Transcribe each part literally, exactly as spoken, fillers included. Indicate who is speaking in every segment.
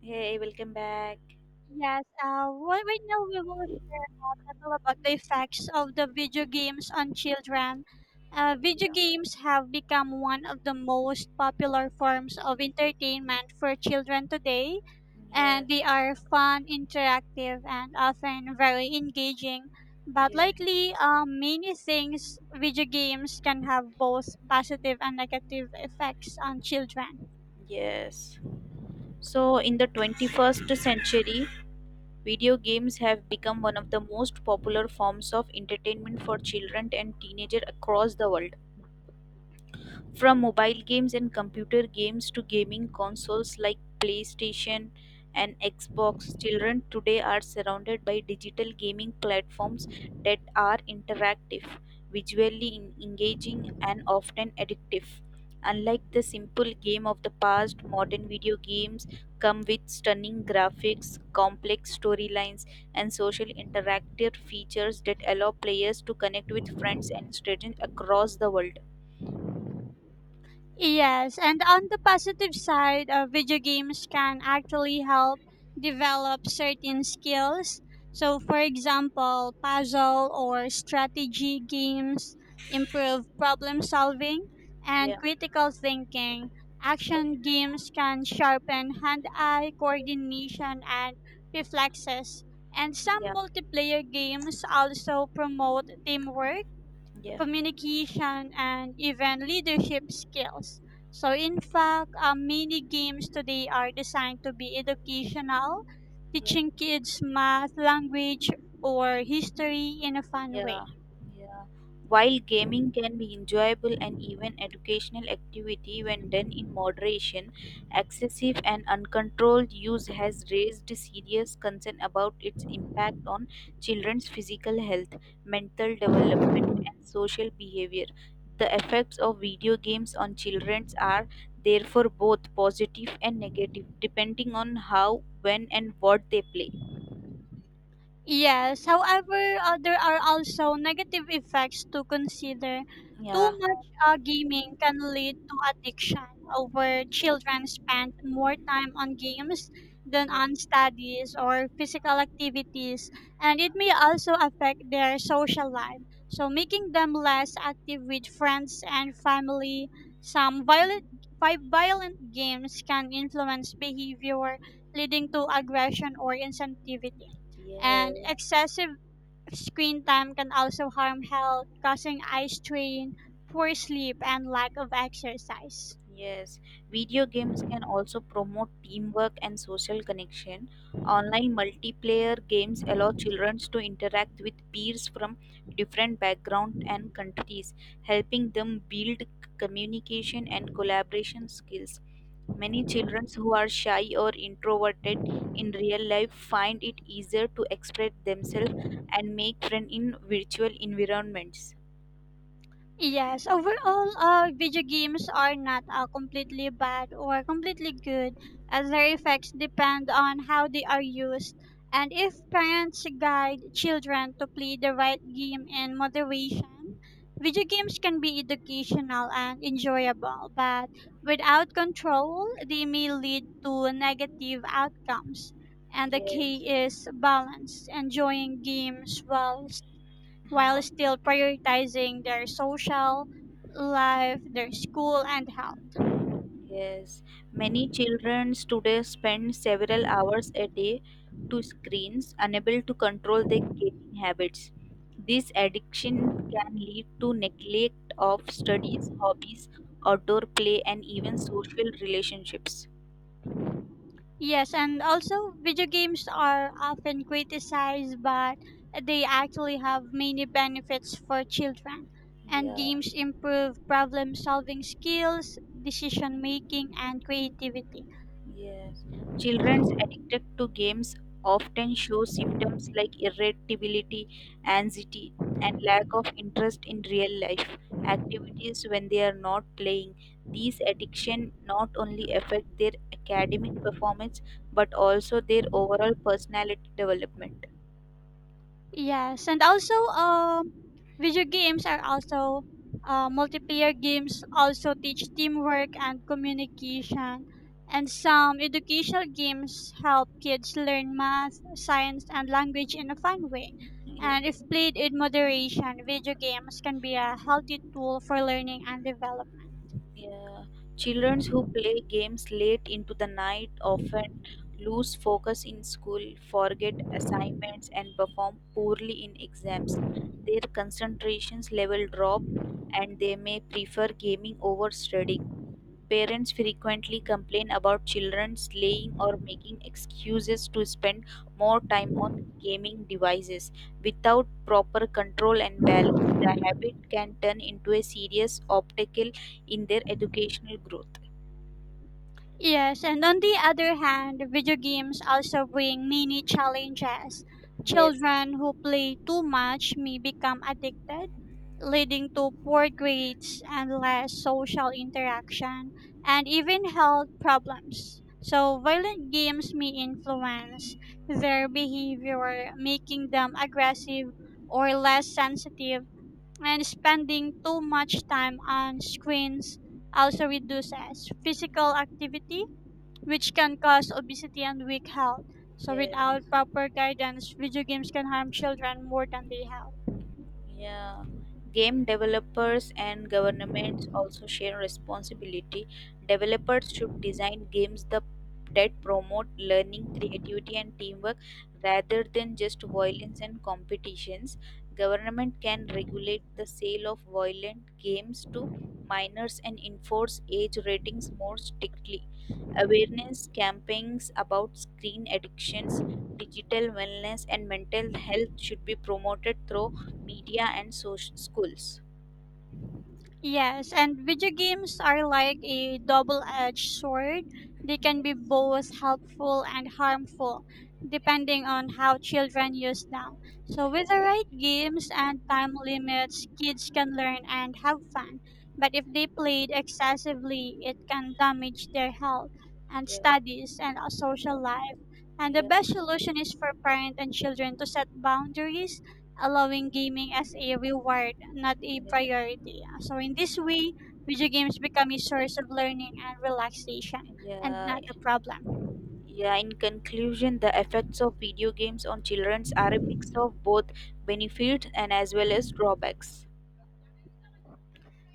Speaker 1: Hey, welcome back.
Speaker 2: Yes, uh, right, right now we will share a little about the effects of the video games on children. Uh, video games have become one of the most popular forms of entertainment for children today, and
Speaker 1: Yes,
Speaker 2: they are fun, interactive, and often very engaging. But
Speaker 1: yeah,
Speaker 2: lately, uh, many things video games can have both positive and negative effects on children.
Speaker 1: yes. So, in the twenty-first century, video games have become one of the most popular forms of entertainment for children and teenagers across the world. From mobile games and computer games to gaming consoles like PlayStation and Xbox, children today are surrounded by digital gaming platforms that are interactive, visually en- engaging, and often addictive. Unlike the simple game of the past, modern video games come with stunning graphics, complex storylines, and social interactive features that allow players to connect with friends and strangers across the world.
Speaker 2: Yes, and on the positive side, uh, video games can actually help develop certain skills. So, for example, puzzle or strategy games improve problem solving and
Speaker 1: Yeah.
Speaker 2: critical thinking. Action games can sharpen hand eye coordination and reflexes. And some
Speaker 1: Yeah,
Speaker 2: multiplayer games also promote teamwork
Speaker 1: yeah,
Speaker 2: communication, and even leadership skills. So, in fact, um, many games today are designed to be educational,
Speaker 1: yeah,
Speaker 2: teaching kids math, language, or history in a fun way.
Speaker 1: yeah, yeah. While gaming can be enjoyable and even educational activity when done in moderation, excessive and uncontrolled use has raised serious concern about its impact on children's physical health, mental development, social behavior. The effects of video games on children are therefore both positive and negative, depending on how, when, and what they play.
Speaker 2: Yes, however, uh, there are also negative effects to consider. Too
Speaker 1: Yeah,
Speaker 2: much uh, gaming can lead to addiction, uh, where children spend more time on games than
Speaker 1: yeah,
Speaker 2: on studies or physical activities, and it may also affect their social life, so making them less active with friends and family. Some violent, vi- Violent games can influence behavior, leading to aggression or insensitivity
Speaker 1: yeah.
Speaker 2: and excessive screen time can also harm health, causing eye strain, poor sleep, and lack of exercise.
Speaker 1: Yes, video games can also promote teamwork and social connection. Online multiplayer games allow children to interact with peers from different backgrounds and countries, helping them build c- communication and collaboration skills. Many children who are shy or introverted in real life find it easier to express themselves and make friends in virtual environments.
Speaker 2: Yes, overall, uh, video games are not uh, completely bad or completely good, as their effects depend on how they are used. And if parents guide children to play the right game in moderation, video games can be educational and enjoyable, but without control, they may lead to negative outcomes. And the
Speaker 1: Yes.
Speaker 2: key is balance, enjoying games while while
Speaker 1: Huh.
Speaker 2: still prioritizing their social life, their school, and health.
Speaker 1: Yes, many children today spend several hours a day to screens, unable to control their gaming habits. This addiction can lead to neglect of studies, hobbies, outdoor play, and even social relationships.
Speaker 2: Yes, and also video games are often criticized, but they actually have many benefits for children. And
Speaker 1: Yeah.
Speaker 2: games improve problem solving skills, decision making, and creativity.
Speaker 1: Yes. Children addicted to games often show symptoms like irritability, anxiety, and lack of interest in real life activities when they are not playing. These addiction not only affect their academic performance but also their overall personality development.
Speaker 2: Yes, and also um, video games are also uh, multiplayer games also teach teamwork and communication, and
Speaker 1: Yeah.
Speaker 2: some educational games help kids learn math, science, and language in a fun way.
Speaker 1: Yes.
Speaker 2: And if played in moderation, video games can be a healthy tool for learning and development.
Speaker 1: Yeah, children who play games late into the night often lose focus in school, forget assignments, and perform poorly in exams. Their concentrations level drop, and they may prefer gaming over studying. Parents frequently complain about children slaying or making excuses to spend more time on gaming devices. Without proper control and balance, the habit can turn into a serious obstacle in their educational growth.
Speaker 2: Yes, and on the other hand, video games also bring many challenges.
Speaker 1: Yes.
Speaker 2: Children who play too much may become addicted, leading to poor grades and less social interaction, and even health problems. So, violent games may influence their behavior, making them aggressive or less sensitive, and spending too much time on screens also reduces physical activity which can cause obesity and weak health. So,
Speaker 1: Yeah.
Speaker 2: without proper guidance, video games can harm children more than they help.
Speaker 1: Yeah, game developers and governments also share responsibility. Developers should design games the, that promote learning, creativity, and teamwork rather than just violence and competitions. Government can regulate the sale of violent games to minors and enforce age ratings more strictly. Awareness campaigns about screen addictions, digital wellness, and mental health should be promoted through media and social schools.
Speaker 2: Yes, and video games are like a double edged sword. They can be
Speaker 1: Yes.
Speaker 2: both helpful and harmful, depending on how children use them. So, with the right games and time limits, kids can learn and have fun. But if they played excessively, it can damage their health and
Speaker 1: Yeah,
Speaker 2: studies and a social life. And the
Speaker 1: yeah,
Speaker 2: best solution is for parents and children to set boundaries allowing gaming as a reward, not a
Speaker 1: yeah,
Speaker 2: priority. So, in this way, video games become a source of learning and relaxation and
Speaker 1: yeah,
Speaker 2: not a problem.
Speaker 1: yeah. In conclusion, the effects of video games on children are a mix of both benefits and as well as drawbacks.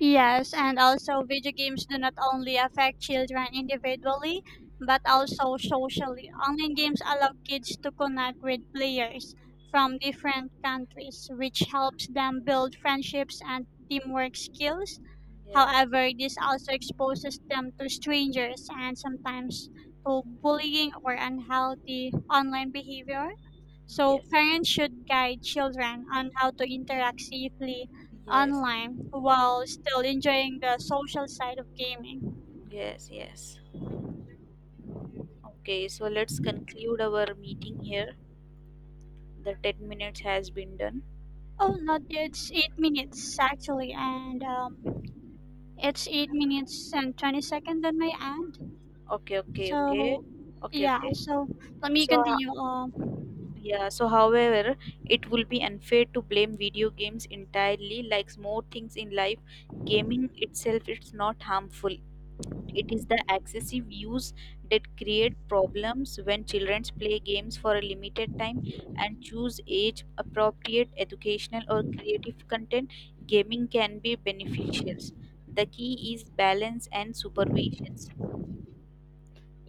Speaker 2: Yes, and also video games do not only affect children individually, but also socially. Online games allow kids to connect with players from different countries, which helps them build friendships and teamwork skills.
Speaker 1: Yes,
Speaker 2: However, this also exposes them to strangers and sometimes to bullying or unhealthy online behavior. So
Speaker 1: yes,
Speaker 2: parents should guide children on how to interact safely
Speaker 1: yes,
Speaker 2: online while still enjoying the social side of gaming.
Speaker 1: yes, yes. Okay, so let's conclude our meeting here. The ten minutes has been done.
Speaker 2: Oh, not yet. It's eight minutes actually, and um, it's eight minutes and twenty seconds on my end.
Speaker 1: Okay, okay, okay,
Speaker 2: So,
Speaker 1: okay,
Speaker 2: yeah.
Speaker 1: okay.
Speaker 2: So let me
Speaker 1: So,
Speaker 2: continue. Um,
Speaker 1: Yeah, so however, it will be unfair to blame video games entirely. Like more things in life, gaming itself is not harmful. It is the excessive use that create problems when children play games for a limited time and choose age appropriate educational or creative content. Gaming can be beneficial. The key is balance and supervision.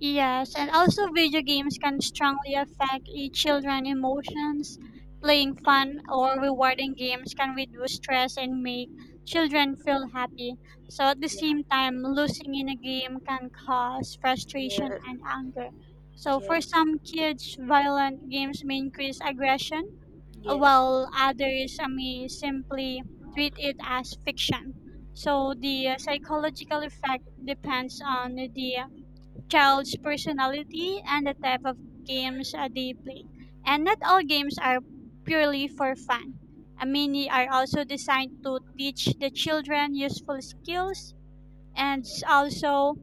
Speaker 2: Yes, and also video games can strongly affect eh, children emotions. Playing fun or rewarding games can reduce stress and make children feel happy. So at the
Speaker 1: Yeah.
Speaker 2: same time, losing in a game can cause frustration
Speaker 1: Yes.
Speaker 2: and anger. So for
Speaker 1: Yes.
Speaker 2: some kids, violent games may increase aggression, uh,
Speaker 1: Yes.
Speaker 2: while others uh, may simply
Speaker 1: Yeah.
Speaker 2: treat it as fiction. So the uh, psychological effect depends on the child's personality and the type of games uh, they play. And not all games are purely for fun. Uh, many are also designed to teach the children useful skills and
Speaker 1: Yeah.
Speaker 2: s- also,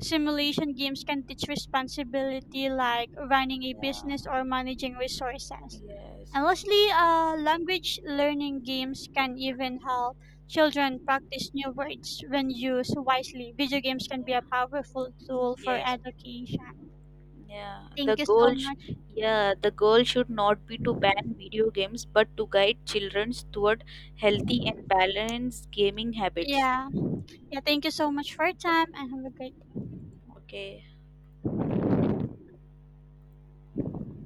Speaker 2: simulation games can teach responsibility like running a
Speaker 1: Yeah.
Speaker 2: business or managing resources.
Speaker 1: Yes,
Speaker 2: And lastly, uh, language learning games can even help children practice new words when used wisely. Video games can be a
Speaker 1: yeah,
Speaker 2: powerful tool for
Speaker 1: yes,
Speaker 2: education.
Speaker 1: yeah. The
Speaker 2: Thank you so
Speaker 1: goal, sh-
Speaker 2: much.
Speaker 1: yeah, the goal should not be to ban video games, but to guide children toward healthy and balanced gaming habits.
Speaker 2: Yeah. Yeah, thank you so much for your time and have a great
Speaker 1: Okay.